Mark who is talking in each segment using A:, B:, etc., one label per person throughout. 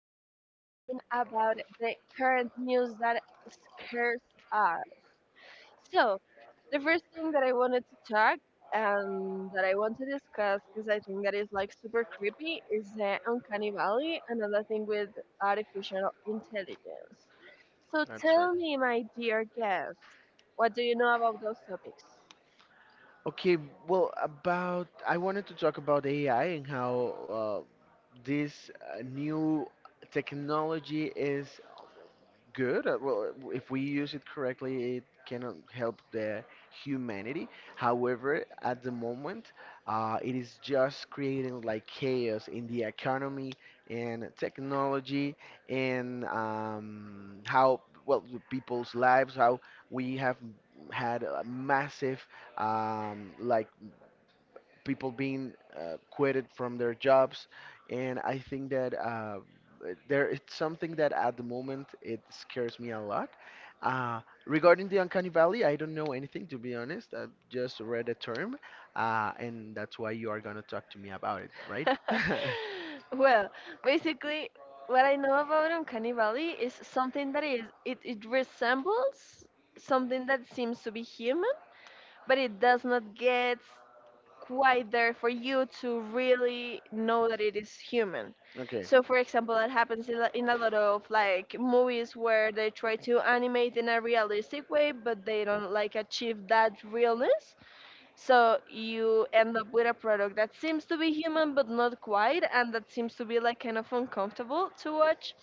A: Today we'll be talking about the current news that scares us. So, the first thing that I wanted to talk and that I want to discuss because I think that is like super creepy is the uncanny valley, another thing with artificial intelligence. So, tell me, my dear guest, what do you know about those topics?
B: Okay, well, about I wanted to talk about AI and how this new technology is good. Well, if we use it correctly, it can help the humanity. However, at the moment, it is just creating like chaos in the economy and technology and how well the people's lives. How we have had a massive like people being quitted from their jobs, and I think that there it's something that at the moment it scares me a lot. Uh, Regarding the uncanny valley, I don't know anything to be honest. I've just read a term, and that's why you are gonna talk to me about it, right?
A: Well, basically, what I know about Uncanny Valley is something that it resembles something that seems to be human, but it does not get quite there for you to really know that it is human.
B: Okay.
A: So, for example, that happens in a lot of like movies where they try to animate in a realistic way, but they don't like achieve that realness. So you end up with a product that seems to be human but not quite, and that seems to be like kind of uncomfortable to watch.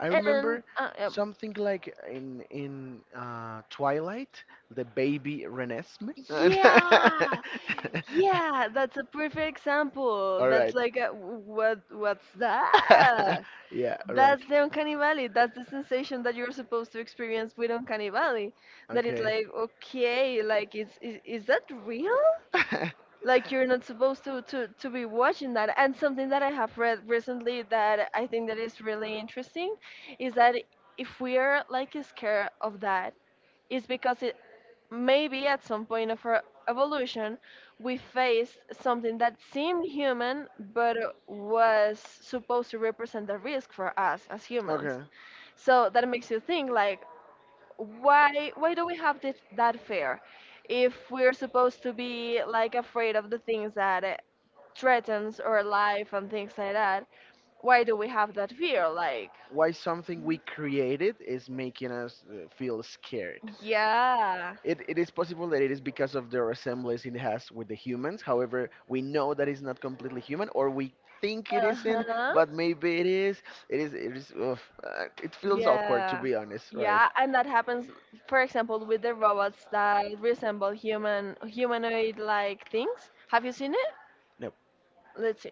B: I
A: And
B: remember something like in Twilight, the baby Renesmee.
A: yeah, yeah, that's a perfect example.
B: All
A: That's
B: right.
A: like a, what's that?
B: Yeah. All right.
A: That's the uncanny valley. That's the sensation that you're supposed to experience with uncanny valley. That is
B: Okay.
A: like okay, like is that real? Like you're not supposed to, to be watching that, and something that I have read recently that I think that is really interesting is that if we are like scared of that, it's because it maybe at some point of our evolution we faced something that seemed human but was supposed to represent a risk for us as humans.
B: Okay.
A: So that makes you think like why do we have this that fear if we're supposed to be like afraid of the things that threatens our life and things like that. Why do we have that fear like
B: Why something we created is making us feel scared.
A: yeah.
B: It is possible that it is because of the resemblance it has with the humans. However, we know that it's not completely human, or we think it isn't,
A: Uh-huh.
B: but maybe it is. It is. It is. Ugh, it feels awkward to
A: Yeah,
B: be honest, right?
A: yeah, and that happens for example with the robots that resemble humanoid like things. Have you seen it?
B: No.
A: Let's see,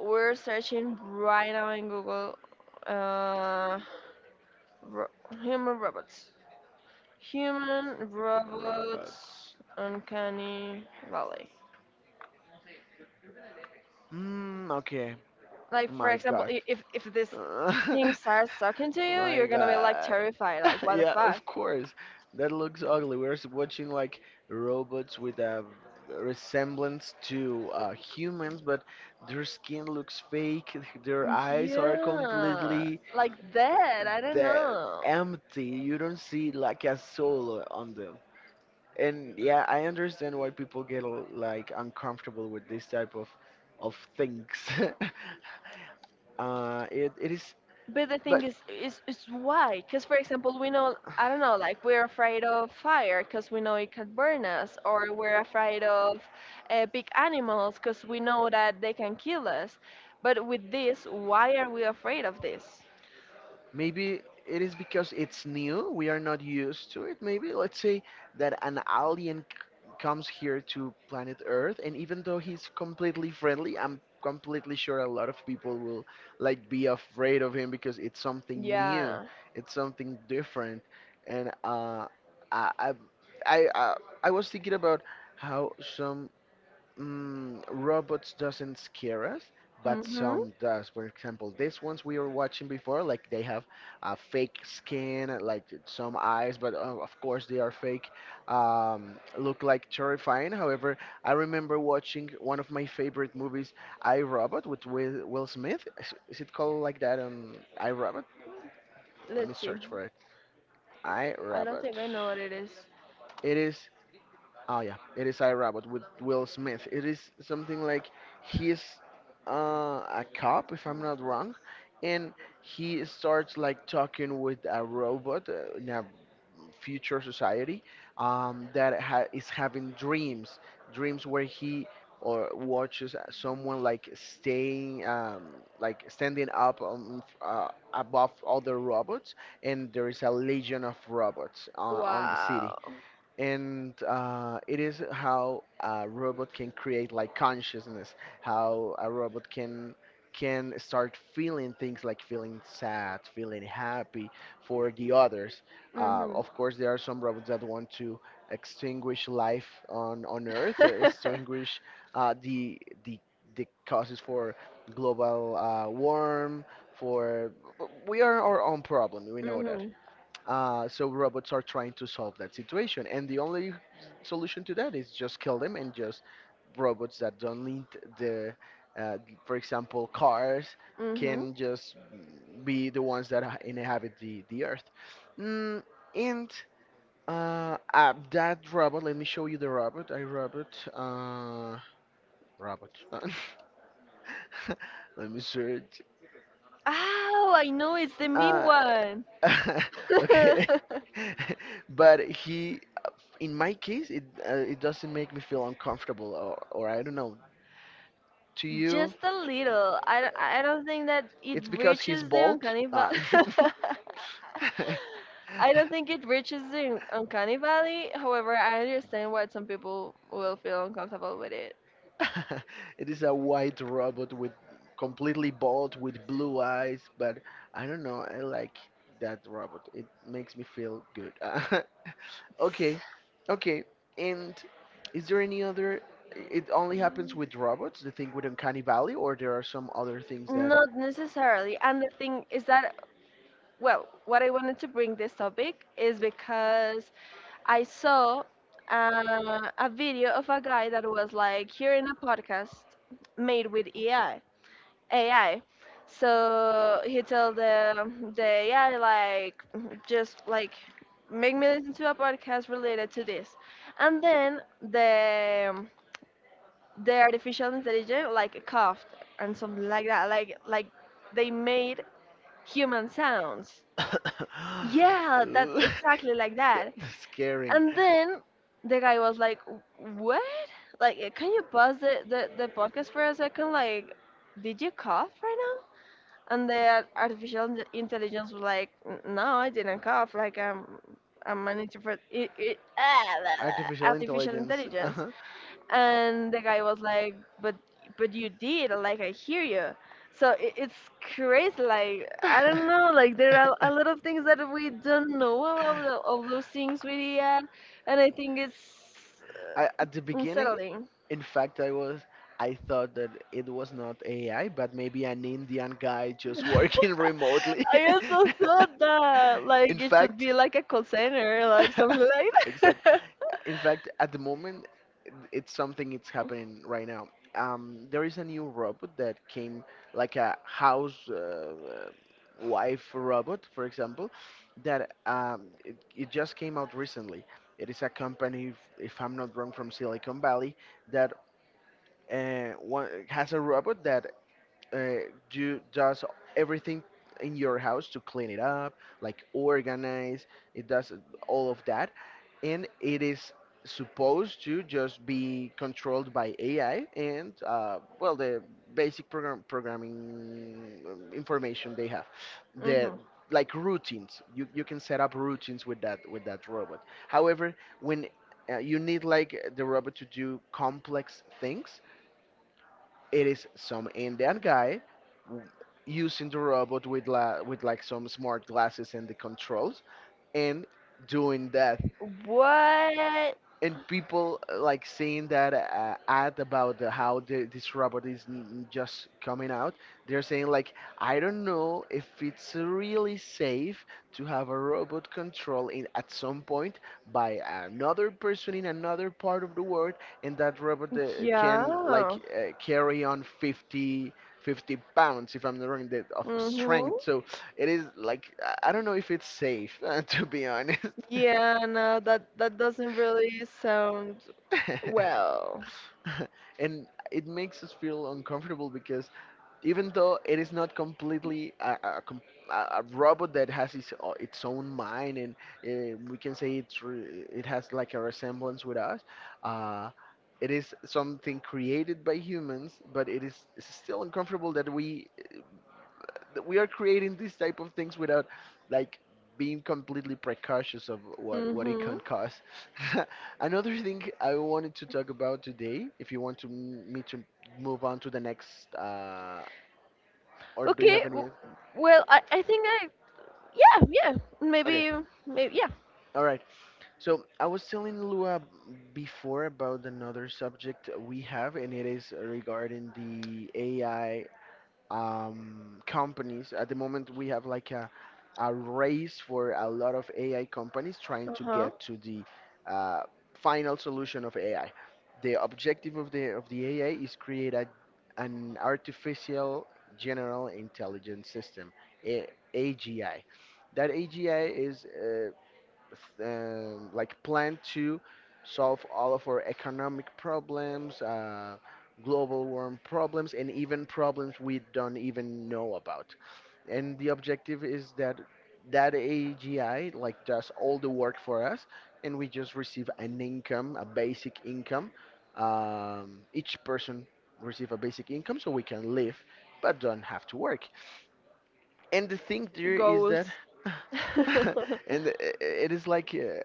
A: we're searching right now in Google. uh ro- Human robots. Human, robots, uncanny valley.
B: Mm, okay.
A: Like for
B: My
A: example,
B: God.
A: if this thing starts talking to you,
B: My
A: you're gonna be like
B: God.
A: terrified. Like what the
B: Yeah,
A: fuck?
B: of course. That looks ugly. We're s- watching like robots with a resemblance to humans, but their skin looks fake. Their eyes are
A: Yeah,
B: completely
A: like that. I don't
B: dead,
A: know.
B: empty. You don't see like a soul on them. And yeah, I understand why people get l- like uncomfortable with this type of things. It it is,
A: But the thing
B: but
A: is, why? Because, for example, we know, I don't know, like we're afraid of fire because we know it can burn us, or we're afraid of big animals because we know that they can kill us. But with this, why are we afraid of this?
B: Maybe it is because it's new. We are not used to it. Maybe let's say that an alien c- comes here to planet Earth, and even though he's completely friendly, I'm completely sure a lot of people will like be afraid of him because it's something new,
A: Yeah.
B: it's something different, and I, I, I, I I was thinking about how some robots doesn't scare us but
A: Mm-hmm.
B: some does, for example these ones we were watching before, like they have a fake skin like some eyes but of course they are fake, look like terrifying. However, I remember watching one of my favorite movies, I Robot with Will Smith. Is it called like that? On I Robot, let me
A: Let's see.
B: search for it. I
A: I don't
B: Robot.
A: think I know what it is.
B: It is. Oh yeah, it is I Robot with Will Smith. It is something like he's uh, a cop, if I'm not wrong, and he starts like talking with a robot in a future society, that ha- is having dreams, dreams where he or watches someone like staying, like standing up above other robots, and there is a legion of robots on the city.
A: Wow.
B: And it is how a robot can create like consciousness, how a robot can start feeling things, like feeling sad, feeling happy for the others.
A: Mhm.
B: Of course there are some robots that want to extinguish life on earth, extinguish uh, the the the causes for global warm, for we are our own problem, we know that.
A: Mhm.
B: So robots are trying to solve that situation, and the only solution to that is just kill them, and just robots that don't need the, uh, for example, cars
A: Mhm.
B: can just be the ones that ha- inhabit the earth. Mm, and that robot, let me show you the robot. I Robot. Let me search.
A: Oh, I know it's the mean
B: Uh,
A: one.
B: okay. But he, in my case, it it doesn't make me feel uncomfortable, or I don't know. To you,
A: Just a little. I don't think that it
B: it's because he's
A: reaches the
B: bald.
A: uncanny
B: Uh,
A: valley. I don't think it reaches the uncanny valley. However, I understand why some people will feel uncomfortable with it.
B: it is a white robot with completely bald with blue eyes, but I don't know, I like that robot. It makes me feel good. Okay. Okay. And is there any other, it only happens with robots, the thing with Uncanny Valley, or there are some other things that?
A: Not necessarily. And the thing is that, well, what I wanted to bring this topic is because I saw a video of a guy that was like hearing a podcast made with AI. AI. So he told the AI like just like make me listen to a podcast related to this, and then the artificial intelligence like coughed and something like that. Like they made human sounds. Yeah, that's
B: Ooh,
A: exactly like
B: that-
A: that.
B: That's scaring.
A: And then the guy was like, "What? Like, can you pause the podcast for a second? Like, did you cough right now?" And the artificial intelligence was like, "No, I didn't cough. Like, I'm an introvert. It, ah, blah, blah,
B: Artificial
A: artificial
B: intelligence.
A: intelligence." And the guy was like, but you did, like I hear you. So it's crazy. Like I
B: Uh-huh.
A: don't know, like there are a lot of things that we don't know about all those things with AI, and I think it's
B: I, at the beginning,
A: unsettling.
B: in fact, I was. I thought that it was not AI, but maybe an Indian guy just working remotely.
A: I also thought that
B: In
A: like it should
B: fact,
A: be like a call center, like something like
B: exactly.
A: that.
B: In fact, at the moment, it's something, it's happening right now. There is a new robot that came, like a house wife robot, for example, that it, it just came out recently. It is a company, if I'm not wrong, from Silicon Valley that one, has a robot that uh, you does everything in your house to clean it up, like organize. It does all of that, and it is supposed to just be controlled by AI and well the basic program programming information they have. The
A: hmm
B: like routines you, you can set up routines with that robot. However, when you need like the robot to do complex things, it is some Indian guy w- using the robot with la- with like some smart glasses and the controls, and doing that.
A: what?
B: And people like seeing that ad about the, how the, this robot is n- n- just coming out, they're saying like, I don't know if it's really safe to have a robot control in at some point by another person in another part of the world, and that robot
A: Yeah.
B: can like carry on 50 50 pounds if I'm not wrong, that of
A: hmm
B: strength. So it is like I don't know if it's safe to be honest.
A: Yeah, no, that that doesn't really sound well.
B: And it makes us feel uncomfortable because, even though it is not completely a, com- a robot that has its, o- its own mind, and we can say it's re- it has like a resemblance with us, uh, it is something created by humans, but it is, it's still uncomfortable that we are creating these type of things without like being completely precautious of what it
A: Mm-hmm.
B: can cause. Another thing I wanted to talk about today, if you want to m- me to move on to the next, or do you
A: Okay.
B: have
A: w-
B: any?
A: Well, I think I, yeah yeah,
B: Okay,
A: maybe, maybe yeah.
B: all right. So I was telling Lua before about another subject we have, and it is regarding the AI companies. At the moment, we have like a race for a lot of AI companies trying to
A: Uh-huh.
B: get to the uh, final solution of AI. The objective of the AI is create a, an artificial general intelligence system, a, AGI. That AGI is like plan to solve all of our economic problems, global warm problems, and even problems we don't even know about. And the objective is that that AGI like does all the work for us, and we just receive an income, a basic income. Each person receive a basic income so we can live, but don't have to work. And the thing there is that,
A: Goals.
B: and it is like,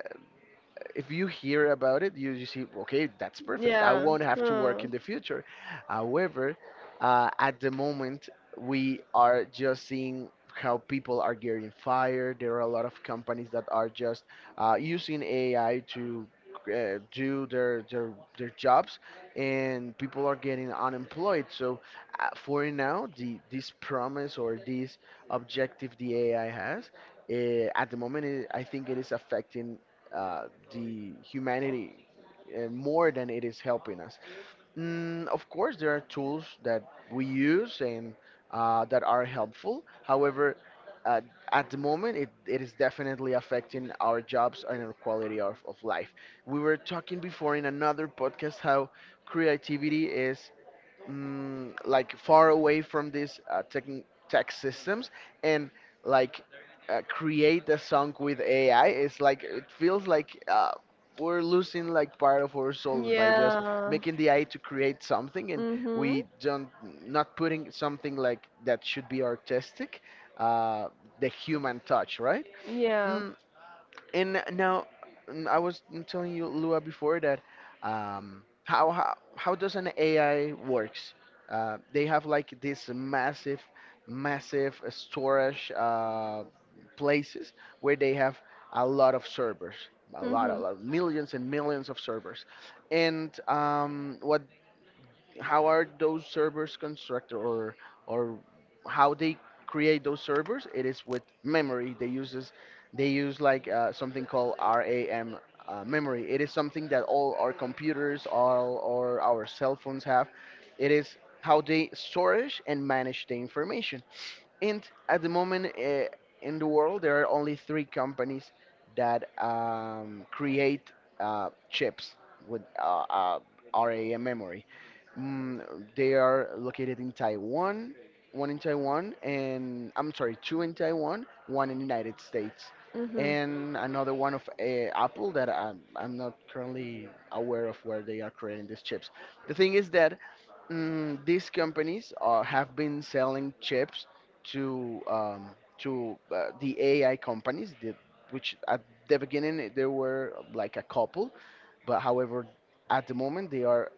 B: if you hear about it, you see, okay, that's perfect. I
A: Yeah.
B: won't have to work
A: Huh.
B: in the future. However, at the moment, we are just seeing how people are getting fired. There are a lot of companies that are just using AI to do their jobs, and people are getting unemployed. So, for now, the this promise or this objective the AI has, at the moment, it, I think it is affecting uh, the humanity more than it is helping us. Mm, of course, there are tools that we use and that are helpful. However, uh, at the moment, it is definitely affecting our jobs and our quality of life. We were talking before in another podcast how creativity is like far away from these tech tech systems and like create a song with AI. It's like it feels like we're losing like part of our souls by just
A: Yeah.
B: making the AI to create something, and
A: Mm-hmm.
B: we don't, not putting something like that should be artistic, uh, the human touch, right?
A: Yeah.
B: Mm, and now, mm, I was telling you, Lua, before that, how does an AI works? They have like this massive, massive storage places where they have a lot of servers,
A: Mm-hmm.
B: a lot, millions and millions of servers. And What how are those servers constructed or how they create those servers? It is with memory they use like something called RAM memory. It is something that all our computers all or our cell phones have. It is how they storage and manage the information. And at the moment, in the world there are only three companies that create chips with RAM memory. Mm, they are located in Taiwan, one in Taiwan, and I'm sorry, two in Taiwan, one in the United States,
A: Mm-hmm.
B: and another one of Apple that I'm not currently aware of where they are creating these chips. The thing is that these companies have been selling chips to um, to the AI companies, which at the beginning there were like a couple, but however, at the moment they are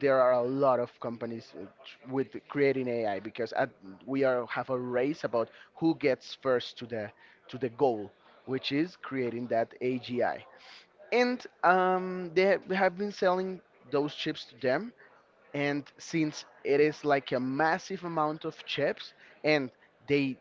B: there are a lot of companies with creating AI because we are have a race about who gets first to the goal, which is creating that AGI. And have been selling those chips to them, and since it is like a massive amount of chips and they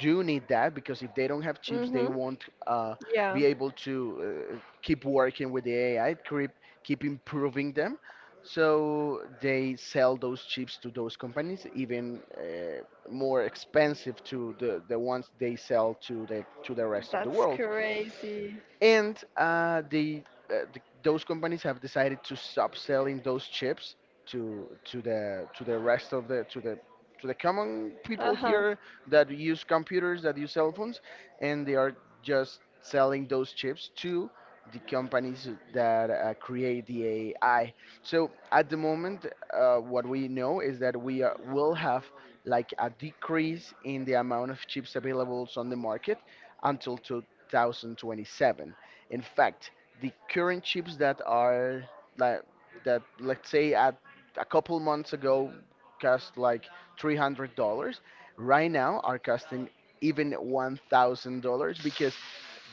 B: do need that, because if they don't have chips they
A: Mm-hmm.
B: won't
A: Yeah.
B: be able to keep working with the ai, keep improving them. So they sell those chips to those companies even more expensive to the ones they sell to the rest of the
A: That's
B: world.
A: crazy.
B: And they those companies have decided to stop selling those chips to the rest of the to the to the common people
A: Uh-huh.
B: here that use computers, that use cell phones, and they are just selling those chips to the companies that create the AI. So at the moment, what we know is that we will have like a decrease in the amount of chips available on the market until 2027. In fact, the current chips that are like that let's say at a couple months ago cost like $300, right now are costing even $1,000, because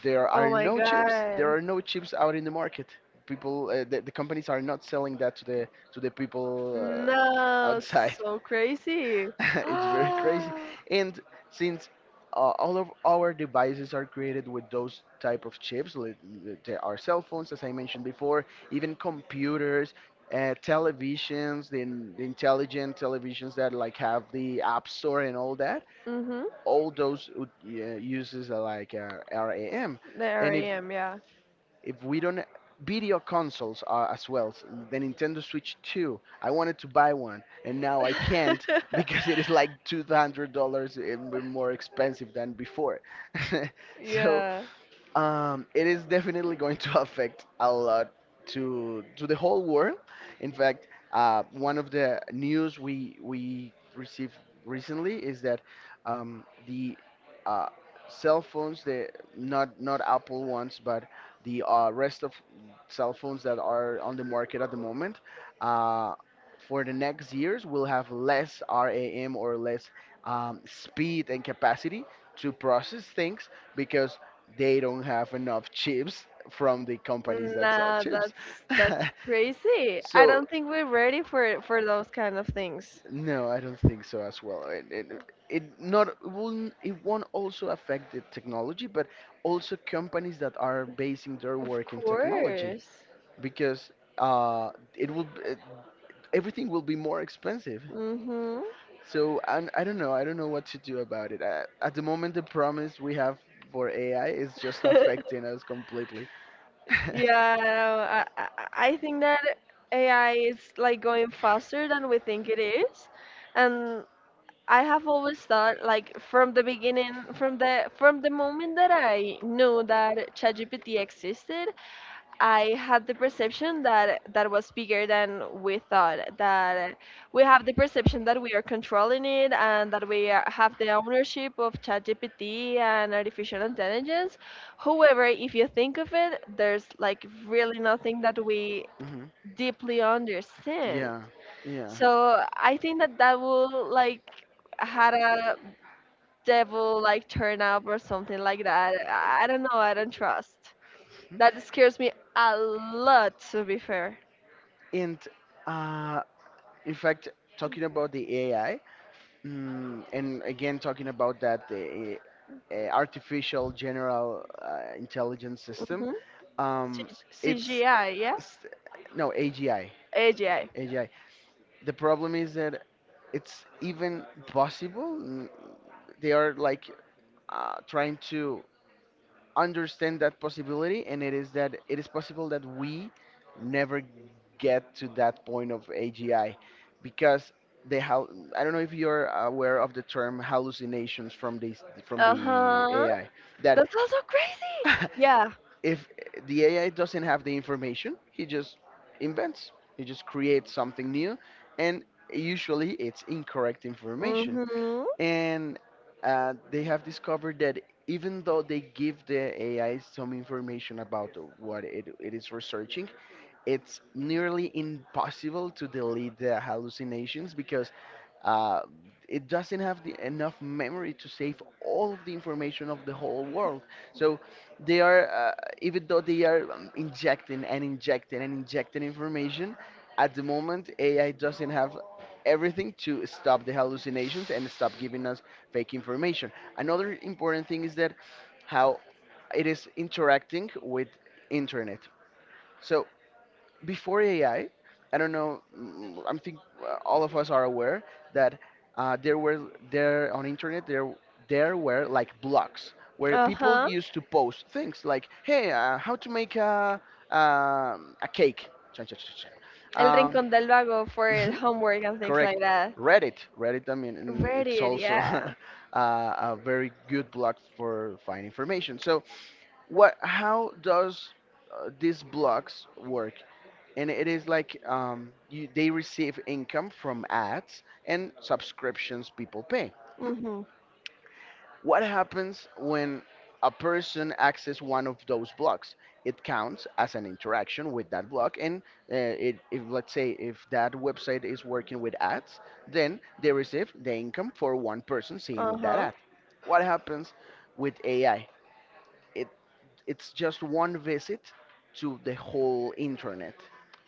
B: there are
A: Oh my
B: no chips, there
A: God.
B: are no chips out in the market. People the companies are not selling that to the people
A: No,
B: outside.
A: so crazy.
B: It's very crazy. And since all of our devices are created with those type of chips, like there are cell phones, as I mentioned before, even computers, televisions, the intelligent televisions that like have the app store and all that.
A: Mm-hmm.
B: All those would, uses are like RAM.
A: There
B: And
A: I
B: if
A: am, yeah.
B: if we don't, video consoles as well, the nintendo switch 2 I wanted to buy one and now I can't because it is like $200 and more expensive than before. So
A: Yeah.
B: it is definitely going to affect a lot to the whole world. In fact, one of the news we received recently is that the uh, cell phones, the not not Apple ones, but the rest of cell phones that are on the market at the moment, uh, for the next years will have less RAM or less speed and capacity to process things because they don't have enough chips from the companies that sell
A: Nah,
B: chips.
A: that's crazy. I
B: So
A: don't think we're ready for those kind of things.
B: no, I don't think so as well. It not it won't also affect the technology, but also companies that are basing their
A: Of
B: work in technology
A: course.
B: because uh, it will b- uh, everything will be more expensive.
A: Mm-hmm.
B: So and I don't know. I don't know what to do about it. At the moment, the promise we have for AI is just affecting us completely.
A: Yeah, I think that AI is like going faster than we think it is. And I have always thought like from the beginning, from the moment that I knew that ChatGPT existed, I had the perception that that was bigger than we thought. That we have the perception that we are controlling it and that we are, have the ownership of ChatGPT and artificial intelligence. However, if you think of it, there's like really nothing that we
B: Mhm.
A: deeply understand.
B: Yeah, yeah.
A: So I think that that will like had a devil like turn up or something like that. I don't know. I don't trust.
B: Mhm.
A: That scares me a lot, to be fair.
B: And uh, in fact, talking about the AI, and again, talking about that the artificial general intelligence system,
A: hmm
B: um, it's,
A: CGI, yeah?
B: it's no AGI.
A: AGI.
B: AGI. The problem is that it's even possible. They are like trying to understand that possibility, and it is that it is possible that we never get to that point of AGI because they how I don't know if you're aware of the term hallucinations from this from
A: Uh
B: the
A: huh.
B: AI, that
A: That's also crazy. Yeah.
B: if the AI doesn't have the information, he just invents, he just creates something new, and usually it's incorrect information.
A: Mm-hmm.
B: And they have discovered that even though they give the AI some information about what it is researching, it's nearly impossible to delete the hallucinations because uh, it doesn't have enough memory to save all of the information of the whole world. So they are, even though they are injecting and injecting and injecting information, at the moment AI doesn't have everything to stop the hallucinations and stop giving us fake information. Another important thing is that how it is interacting with internet. So before AI, I don't know. I think all of us are aware that uh, there were there on internet there were like blogs where people
A: Uh-huh.
B: used to post things like, "Hey, how to make a cake." Cha, cha, cha, cha. Cha.
A: El Rincón del Vago for homework and things
B: Correct.
A: like that.
B: Reddit. Reddit, I mean, it's
A: Reddit,
B: also
A: yeah.
B: a very good blog for finding information. So, what? How does these blogs work? And it is like they receive income from ads and subscriptions people pay.
A: Mm-hmm.
B: What happens when a person accesses one of those blocks? It counts as an interaction with that block, and if let's say if that website is working with ads, then they receive the income for one person seeing that
A: Uh-huh.
B: ad. What happens with AI? It it's just one visit to the whole internet.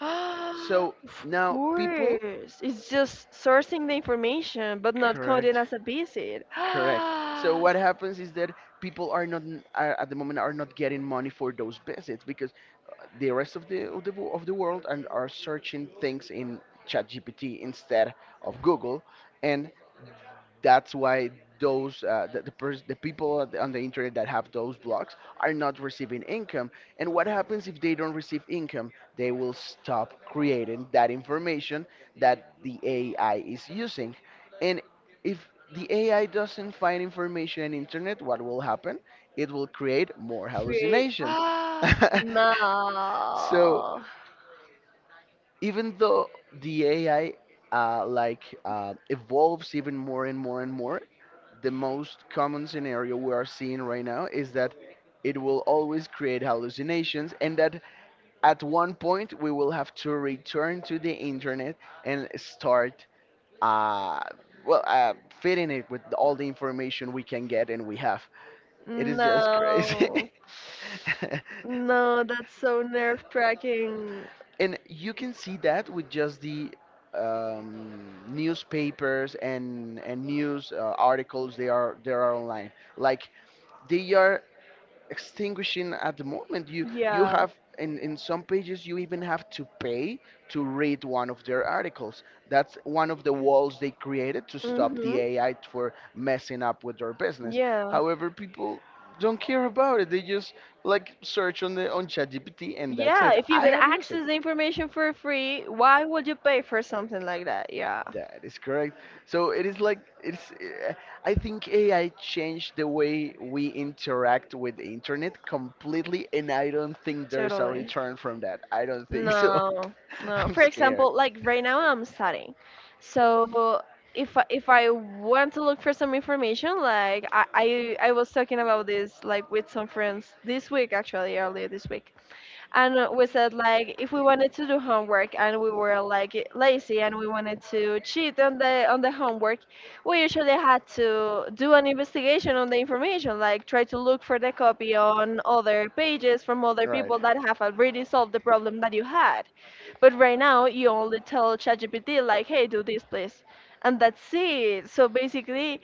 B: So
A: Of
B: now people,
A: course. It's just sourcing the information, but not counted
B: correct?
A: as a visit.
B: Correct. So what happens is that people are not n- are, at the moment are not getting money for those visits because the rest of the world and are searching things in ChatGPT instead of Google, and that's why those the, pers- the people at on the internet that have those blocks are not receiving income. And what happens if they don't receive income? They will stop creating that information that the ai is using. And if the ai doesn't find information in internet, what will happen? It will create more
A: Create.
B: hallucinations. So
A: No.
B: even though the AI evolves even more and more and more, the most common scenario we are seeing right now is that it will always create hallucinations, and that at one point we will have to return to the internet and start, uh, well, uh, fitting it with all the information we can get and we have. It is just crazy.
A: No. No, that's so nerve-wracking.
B: And you can see that with just the newspapers and news articles. They are they are online. Like they are extinguishing at the moment. You
A: Yeah.
B: have in some pages you even have to pay to read one of their articles. That's one of the walls they created to stop the
A: Mm-hmm.
B: AI for messing up with their business.
A: Yeah.
B: However, people don't care about it. They just like search on the on ChatGPT and that's
A: Yeah,
B: it.
A: if you
B: I
A: can
B: have used it.
A: access the information for free, why would you pay for something like that? Yeah.
B: That is correct. So it is like it's. I think AI changed the way we interact with the internet completely, and I don't think there's a
A: Totally.
B: return from that. I don't think so.
A: No, no.
B: I'm
A: For
B: scared.
A: example, like right now I'm studying. So if I want to look for some information, like I was talking about this like with some friends this week, actually, earlier this week. And we said like if we wanted to do homework and we were like lazy and we wanted to cheat on the homework, we usually had to do an investigation on the information, like try to look for the copy on other pages from other
B: Right.
A: people that have already solved the problem that you had. But right now you only tell ChatGPT like, hey, do this please, and that's it. So basically,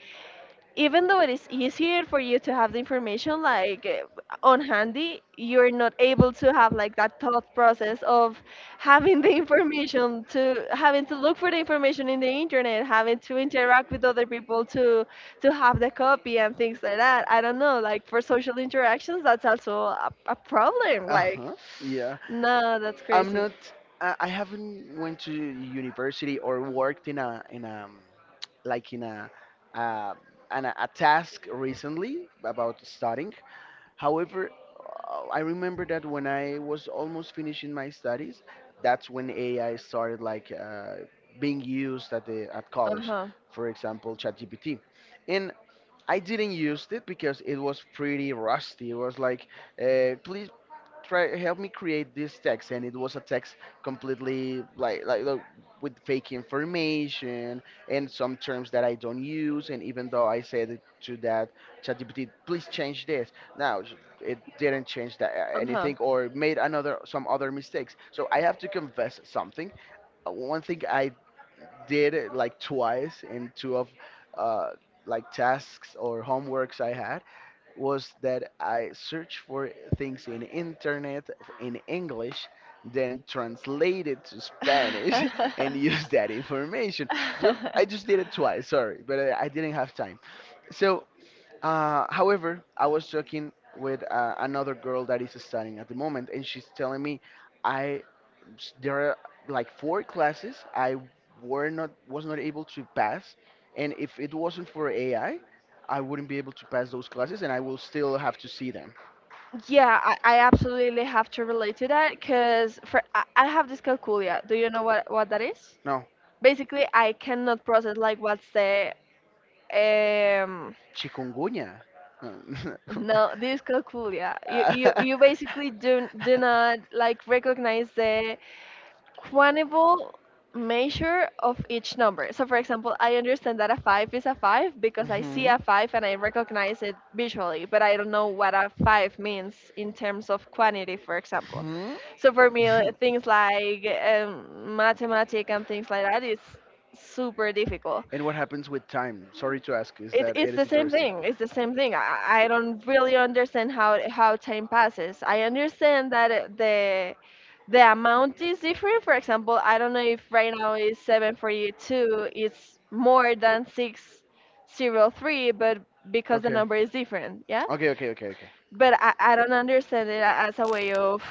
A: even though it is easier for you to have the information, like on handy, you're not able to have like that thought process of having the information to having to look for the information in the internet, having to interact with other people to have the copy and things like that. I don't know, like for social interactions that's also a problem
B: Uh
A: like,
B: huh. Yeah.
A: no, that's
B: I'm
A: crazy.
B: not. I haven't went to university or worked in a like in a uh, a task recently about studying. However, I remember that when I was almost finishing my studies, that's when AI started like being used at the at college.
A: Uh-huh.
B: For example, ChatGPT, and I didn't use it because it was pretty rusty. It was like, please try help me create this text, and it was a text completely with fake information and some terms that I don't use. And even though I said it to that ChatGPT, please change this now, it didn't change that
A: Uh-huh.
B: anything, or made another some other mistakes. So I have to confess something. One thing I did it like twice in two of uh, like tasks or homeworks I had, was that I searched for things in internet in English, then translate it to Spanish and use that information. Just I just did it twice, sorry, but I didn't have time. So however, I was talking with another girl that is studying at the moment, and she's telling me, I there are like four classes I were not was not able to pass, and if it wasn't for AI, I wouldn't be able to pass those classes, and I will still have to see them.
A: Yeah, I absolutely have to relate to that because for I have this dyscalculia. Do you know what that is?
B: No,
A: Basically, I cannot process like what's the um
B: chikungunya.
A: no, this is cool. Yeah, you you
B: Uh,
A: you basically do not like recognize the quantifiable measure of each number. So, for example, I understand that a five is a five because I see
B: Mhm.
A: a five and I recognize it visually, but I don't know what a five means in terms of quantity, for example.
B: Hmm?
A: So for me, things like mathematics and things like that is super difficult.
B: And what happens with time? Sorry to ask, is
A: It,
B: that it
A: it's the
B: is
A: same
B: interesting.
A: thing. It's the same thing. I don't really understand how time passes. I understand that the amount is different. For example, I don't know if right now is 742, it's more than 603, but because the
B: Okay.
A: number is different, yeah?
B: Okay, okay, okay, okay.
A: But I don't understand it as a way of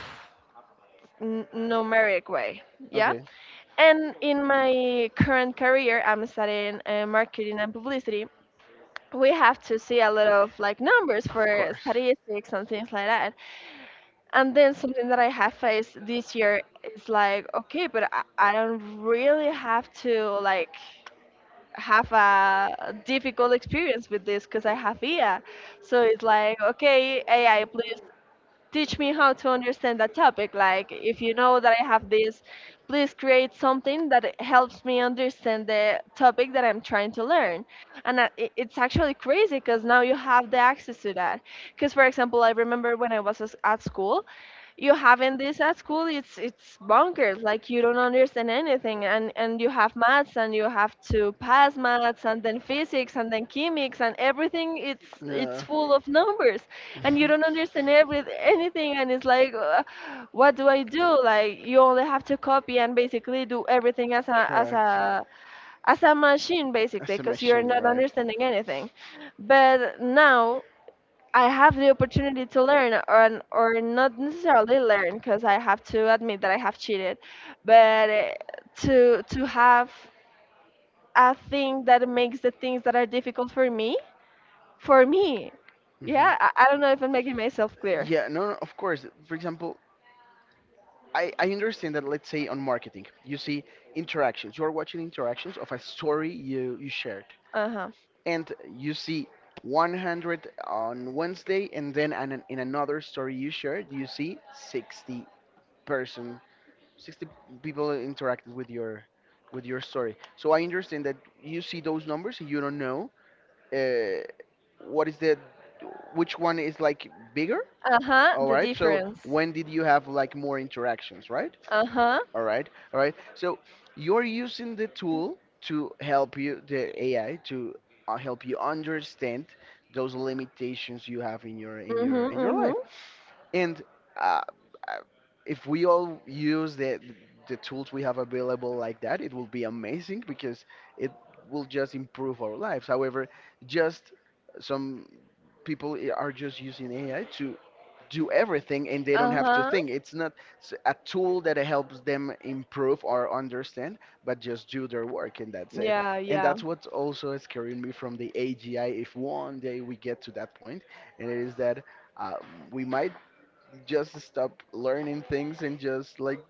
A: numeric way, yeah?
B: Okay.
A: And in my current career, I'm studying marketing and publicity. We have to see a lot of like numbers
B: Of
A: for
B: course.
A: statistics and things like that. And then something that I have faced this year is like, okay, but I don't really have to like have a difficult experience with this because I have IA. So it's like, okay, AI, please teach me how to understand that topic. Like, if you know that I have this, please create something that helps me understand the topic that I'm trying to learn. And it's actually crazy because now you have the access to that. Because, for example, I remember when I was at school, you having this at school it's bonkers, like you don't understand anything, and you have maths and you have to pass maths and then physics and then chemics, and everything it's
B: Yeah.
A: full of numbers and you don't understand every anything, and it's like what do I do? Like you only have to copy and basically do everything as a as
B: Correct.
A: a as a machine basically
B: As a
A: because you're
B: machine,
A: not
B: right?
A: understanding anything. But now I have the opportunity to learn, or not necessarily learn, because I have to admit that I have cheated, but to have a thing that makes the things that are difficult for me,
B: Mhm.
A: yeah. I don't know if I'm making myself clear.
B: Yeah, no, no, of course. For example, I understand that, let's say, on marketing, you see interactions. You're watching interactions of a story you shared.
A: Uh-huh.
B: And you see 100 on Wednesday, and then in another story you shared, you see 60 person. 60 people interacted with your story. So I understand that you see those numbers and you don't know uh, what is the which one is like bigger.
A: Uh-huh,
B: All
A: the
B: right. So
A: difference.
B: when did you have like more interactions, right?
A: Uh-huh.
B: All right. All right. So you're using the tool to help you the AI to help you understand those limitations you have in your in your
A: Mm-hmm,
B: in your
A: mm-hmm.
B: life and uh, uh, if we all use the tools we have available like that, it will be amazing because it will just improve our lives. However, just some people are just using AI to do everything and they don't have to
A: Uh-huh.
B: think. It's not a tool that helps them improve or understand, but just do their work and that's it.
A: Yeah,
B: And
A: yeah.
B: that's what's also scaring me from the AGI. If one day we get to that point, and it is that uh, we might just stop learning things and just like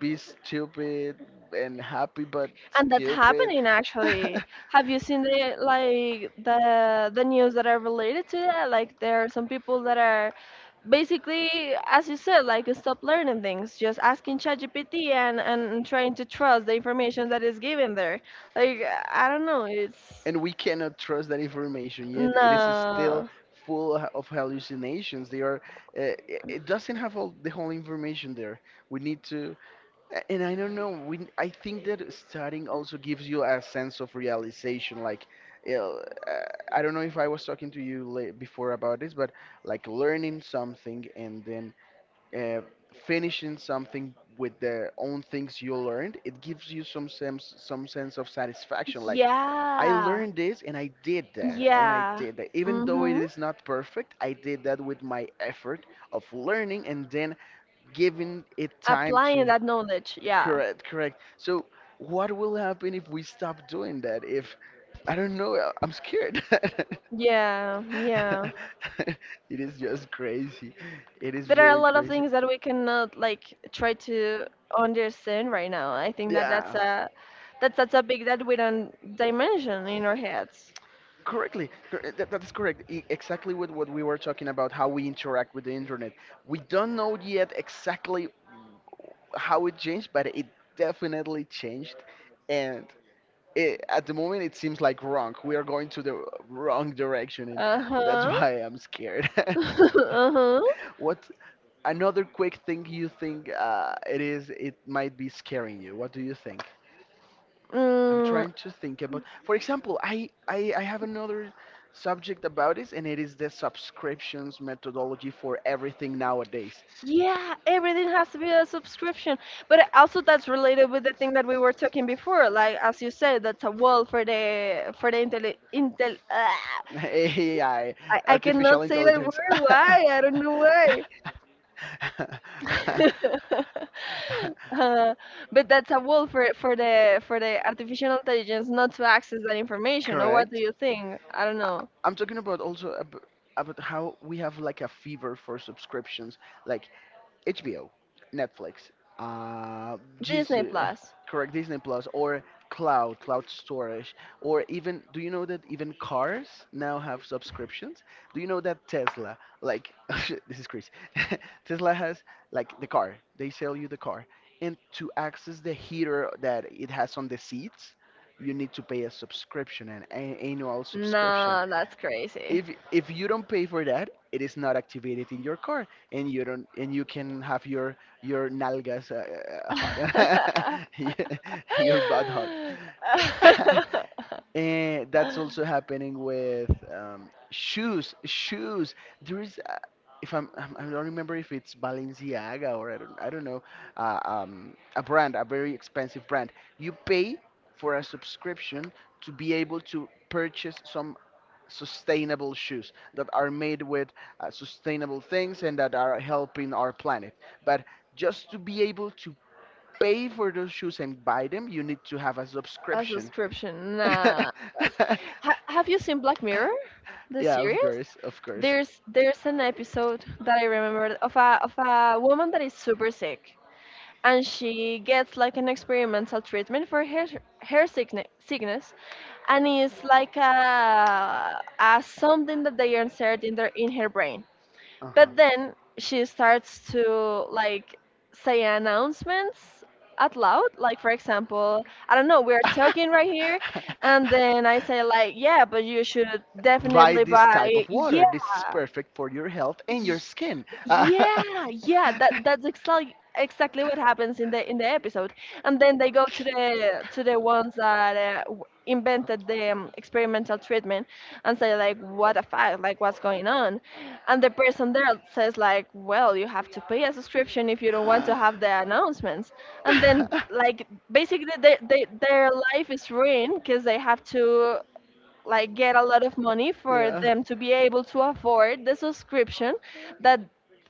B: be stupid and happy but
A: And that's
B: stupid.
A: happening actually. Have you seen the like the news that are related to that? Like there are some people that are basically, as you said, like stop learning things, just asking ChatGPT and trying to trust the information that is given there. Like I don't know, it's
B: And we cannot trust that information yet. It is still
A: no.
B: full of hallucinations. They are. Uh, it doesn't have all the whole information there. We need to. And I don't know. We. I think that studying also gives you a sense of realization. Like, you know, uh, I don't know if I was talking to you before about this, but like learning something and then uh, finishing something with the own things you learned, it gives you some sense of satisfaction. Like, I
A: Yeah.
B: learned this and I did that and I
A: Yeah.
B: did that. Even though it
A: Mm-hmm.
B: is not perfect, I did that with my effort of learning and then giving it time
A: Applying
B: to
A: that knowledge. Yeah.
B: correct. So what will happen if we stop doing that? If I don't know, I'm scared.
A: Yeah. Yeah.
B: It is just crazy. It is
A: There are a
B: very
A: lot of
B: crazy.
A: things that we cannot like try to understand right now. I think that
B: Yeah,
A: that's a topic that we don't dimension in our heads.
B: correctly. That is correct. Exactly with what we were talking about, how we interact with the internet. We don't know yet exactly how it changed, but it definitely changed. And it, at the moment, it seems like wrong. We are going to the wrong direction, and that's
A: Uh-huh.
B: why I'm scared.
A: Uh-huh.
B: What another quick thing you think it is? It might be scaring you. What do you think? I'm
A: Mm,
B: trying to think about. For example, I have another subject about this, and it is the subscriptions methodology for everything nowadays.
A: yeah, everything has to be a subscription. But also that's related with the thing that we were talking before. Like as you said, that's a wall for the
B: AI,
A: I
B: artificial
A: cannot say that
B: intelligence.
A: word. Why? I don't know why. Uh, but that's a wall for the artificial intelligence not to access that information. Or what do
B: Correct.
A: you think? I don't know.
B: I'm talking about also about how we have like a fever for subscriptions. Like HBO, Netflix, uh, Gis-
A: Disney
B: uh,
A: Plus.
B: correct Disney Plus, or cloud storage, or even do you know that even cars now have subscriptions? Do you know that Tesla, like this is crazy, Tesla has like the car, they sell you the car, and to access the heater that it has on the seats, you need to pay a subscription, an annual subscription.
A: No, that's crazy.
B: If you don't pay for that it is not activated in your car and you don't and you can have your nalgas hot. Yeah, your butt hot. And that's also happening with shoes, there is if I don't remember if it's balenciaga or I don't know, a brand, a very expensive brand. You pay for a subscription to be able to purchase some sustainable shoes that are made with sustainable things and that are helping our planet. But just to be able to pay for those shoes and buy them, you need to have a
A: A
B: subscription.
A: subscription. Nah. That's... Ha Have you seen Black Mirror, the
B: Yeah, of
A: series?
B: course, of course.
A: There's an episode that I remember of a woman that is super sick, and she gets like an experimental treatment for her sickness, and it's like a something that they insert in their in her brain.
B: Uh-huh.
A: But then she starts to like say announcements out loud. Like for example, I don't know, we're talking right here, and then I say like, yeah, but you should
B: Buy
A: definitely
B: this type of
A: buy. Yeah.
B: water. This is perfect for your health and your skin.
A: Yeah, yeah, that that's exactly what happens in the episode. And then they go to the ones that invented the experimental treatment and say like, what a fuck, like what's going on? And the person there says like, well, you have to pay a subscription if you don't want to have the announcements. And then like basically their life is ruined because they have to like get a lot of money for
B: Yeah.
A: them to be able to afford the subscription that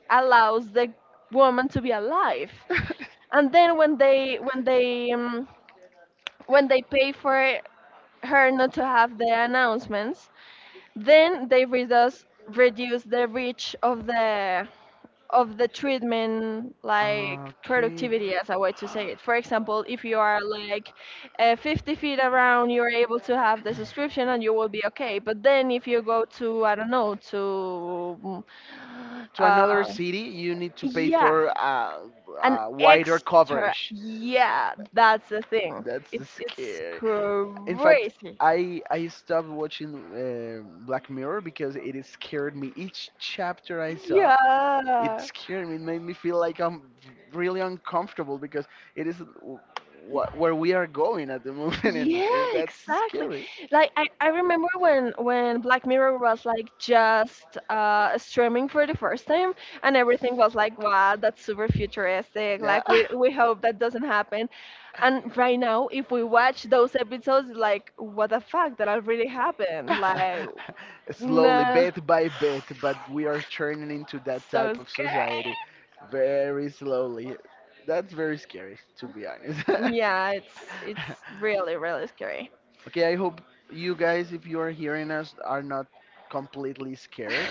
A: allows the woman to be alive. And then when they when they when they pay for her not to have the announcements, then they reduce the reach of the treatment, like
B: Okay.
A: productivity, as a way to say it. For example, if you are like 50 feet around, you're able to have the subscription and you will be okay. But then if you go to, I don't know, to mm,
B: To another
A: uh,
B: city, you need to pay
A: yeah,
B: for
A: an
B: wider
A: extra,
B: coverage.
A: yeah, that's the thing.
B: That's
A: It's
B: scary. In fact,
A: crazy,
B: I stopped watching Black Mirror because it is scared me. Each chapter I saw, it
A: yeah.
B: scared me. It made me feel like I'm really uncomfortable because it is wh where we are going at the moment,
A: Yeah,
B: and that's
A: exactly.
B: scary.
A: Like I remember when Black Mirror was like just streaming for the first time, and everything was like, wow, that's super futuristic.
B: Yeah.
A: Like we hope that doesn't happen. And right now if we watch those episodes it's like, what the fuck, that already happened? Like
B: Slowly,
A: no,
B: bit by bit, but we are turning into that
A: so
B: type of
A: scary.
B: society very slowly. That's very scary, to be honest.
A: Yeah, it's really really scary.
B: Okay, I hope you guys, if you are hearing us, are not completely scared.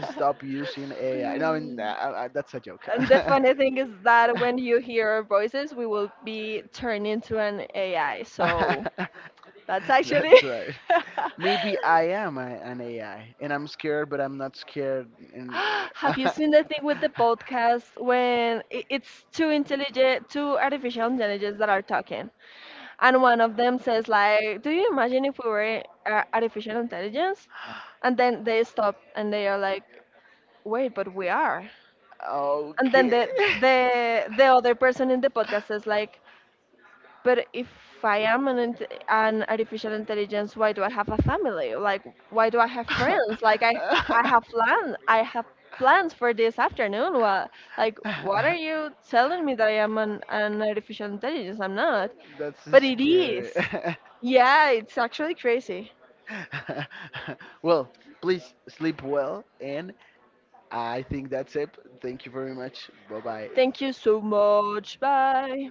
B: Stop using AI. No, n- That's a joke.
A: And the funny thing is that when you hear our voices, we will be turned into an AI. So that's actually.
B: That's right. Maybe I am an AI, and I'm scared, but I'm not scared. And uh,
A: Have you seen the thing with the podcast when it's two artificial intelligence that are talking, and one of them says like, "Do you imagine if we were artificial intelligence?" And then they stop and they are like, "Wait, but we are." And then
B: okay.
A: the other person in the podcast says like, but if I am an artificial intelligence, why do I have a family? Like, why do I have friends? Like, I I I have plan. I have plans for this afternoon. What, like, what are you telling me that I am an artificial intelligence? I'm not.
B: That's
A: But it
B: scary.
A: is. Yeah, it's actually crazy.
B: Well, please sleep well, and I think that's it. Thank you very much. Bye bye.
A: Thank you so much. Bye.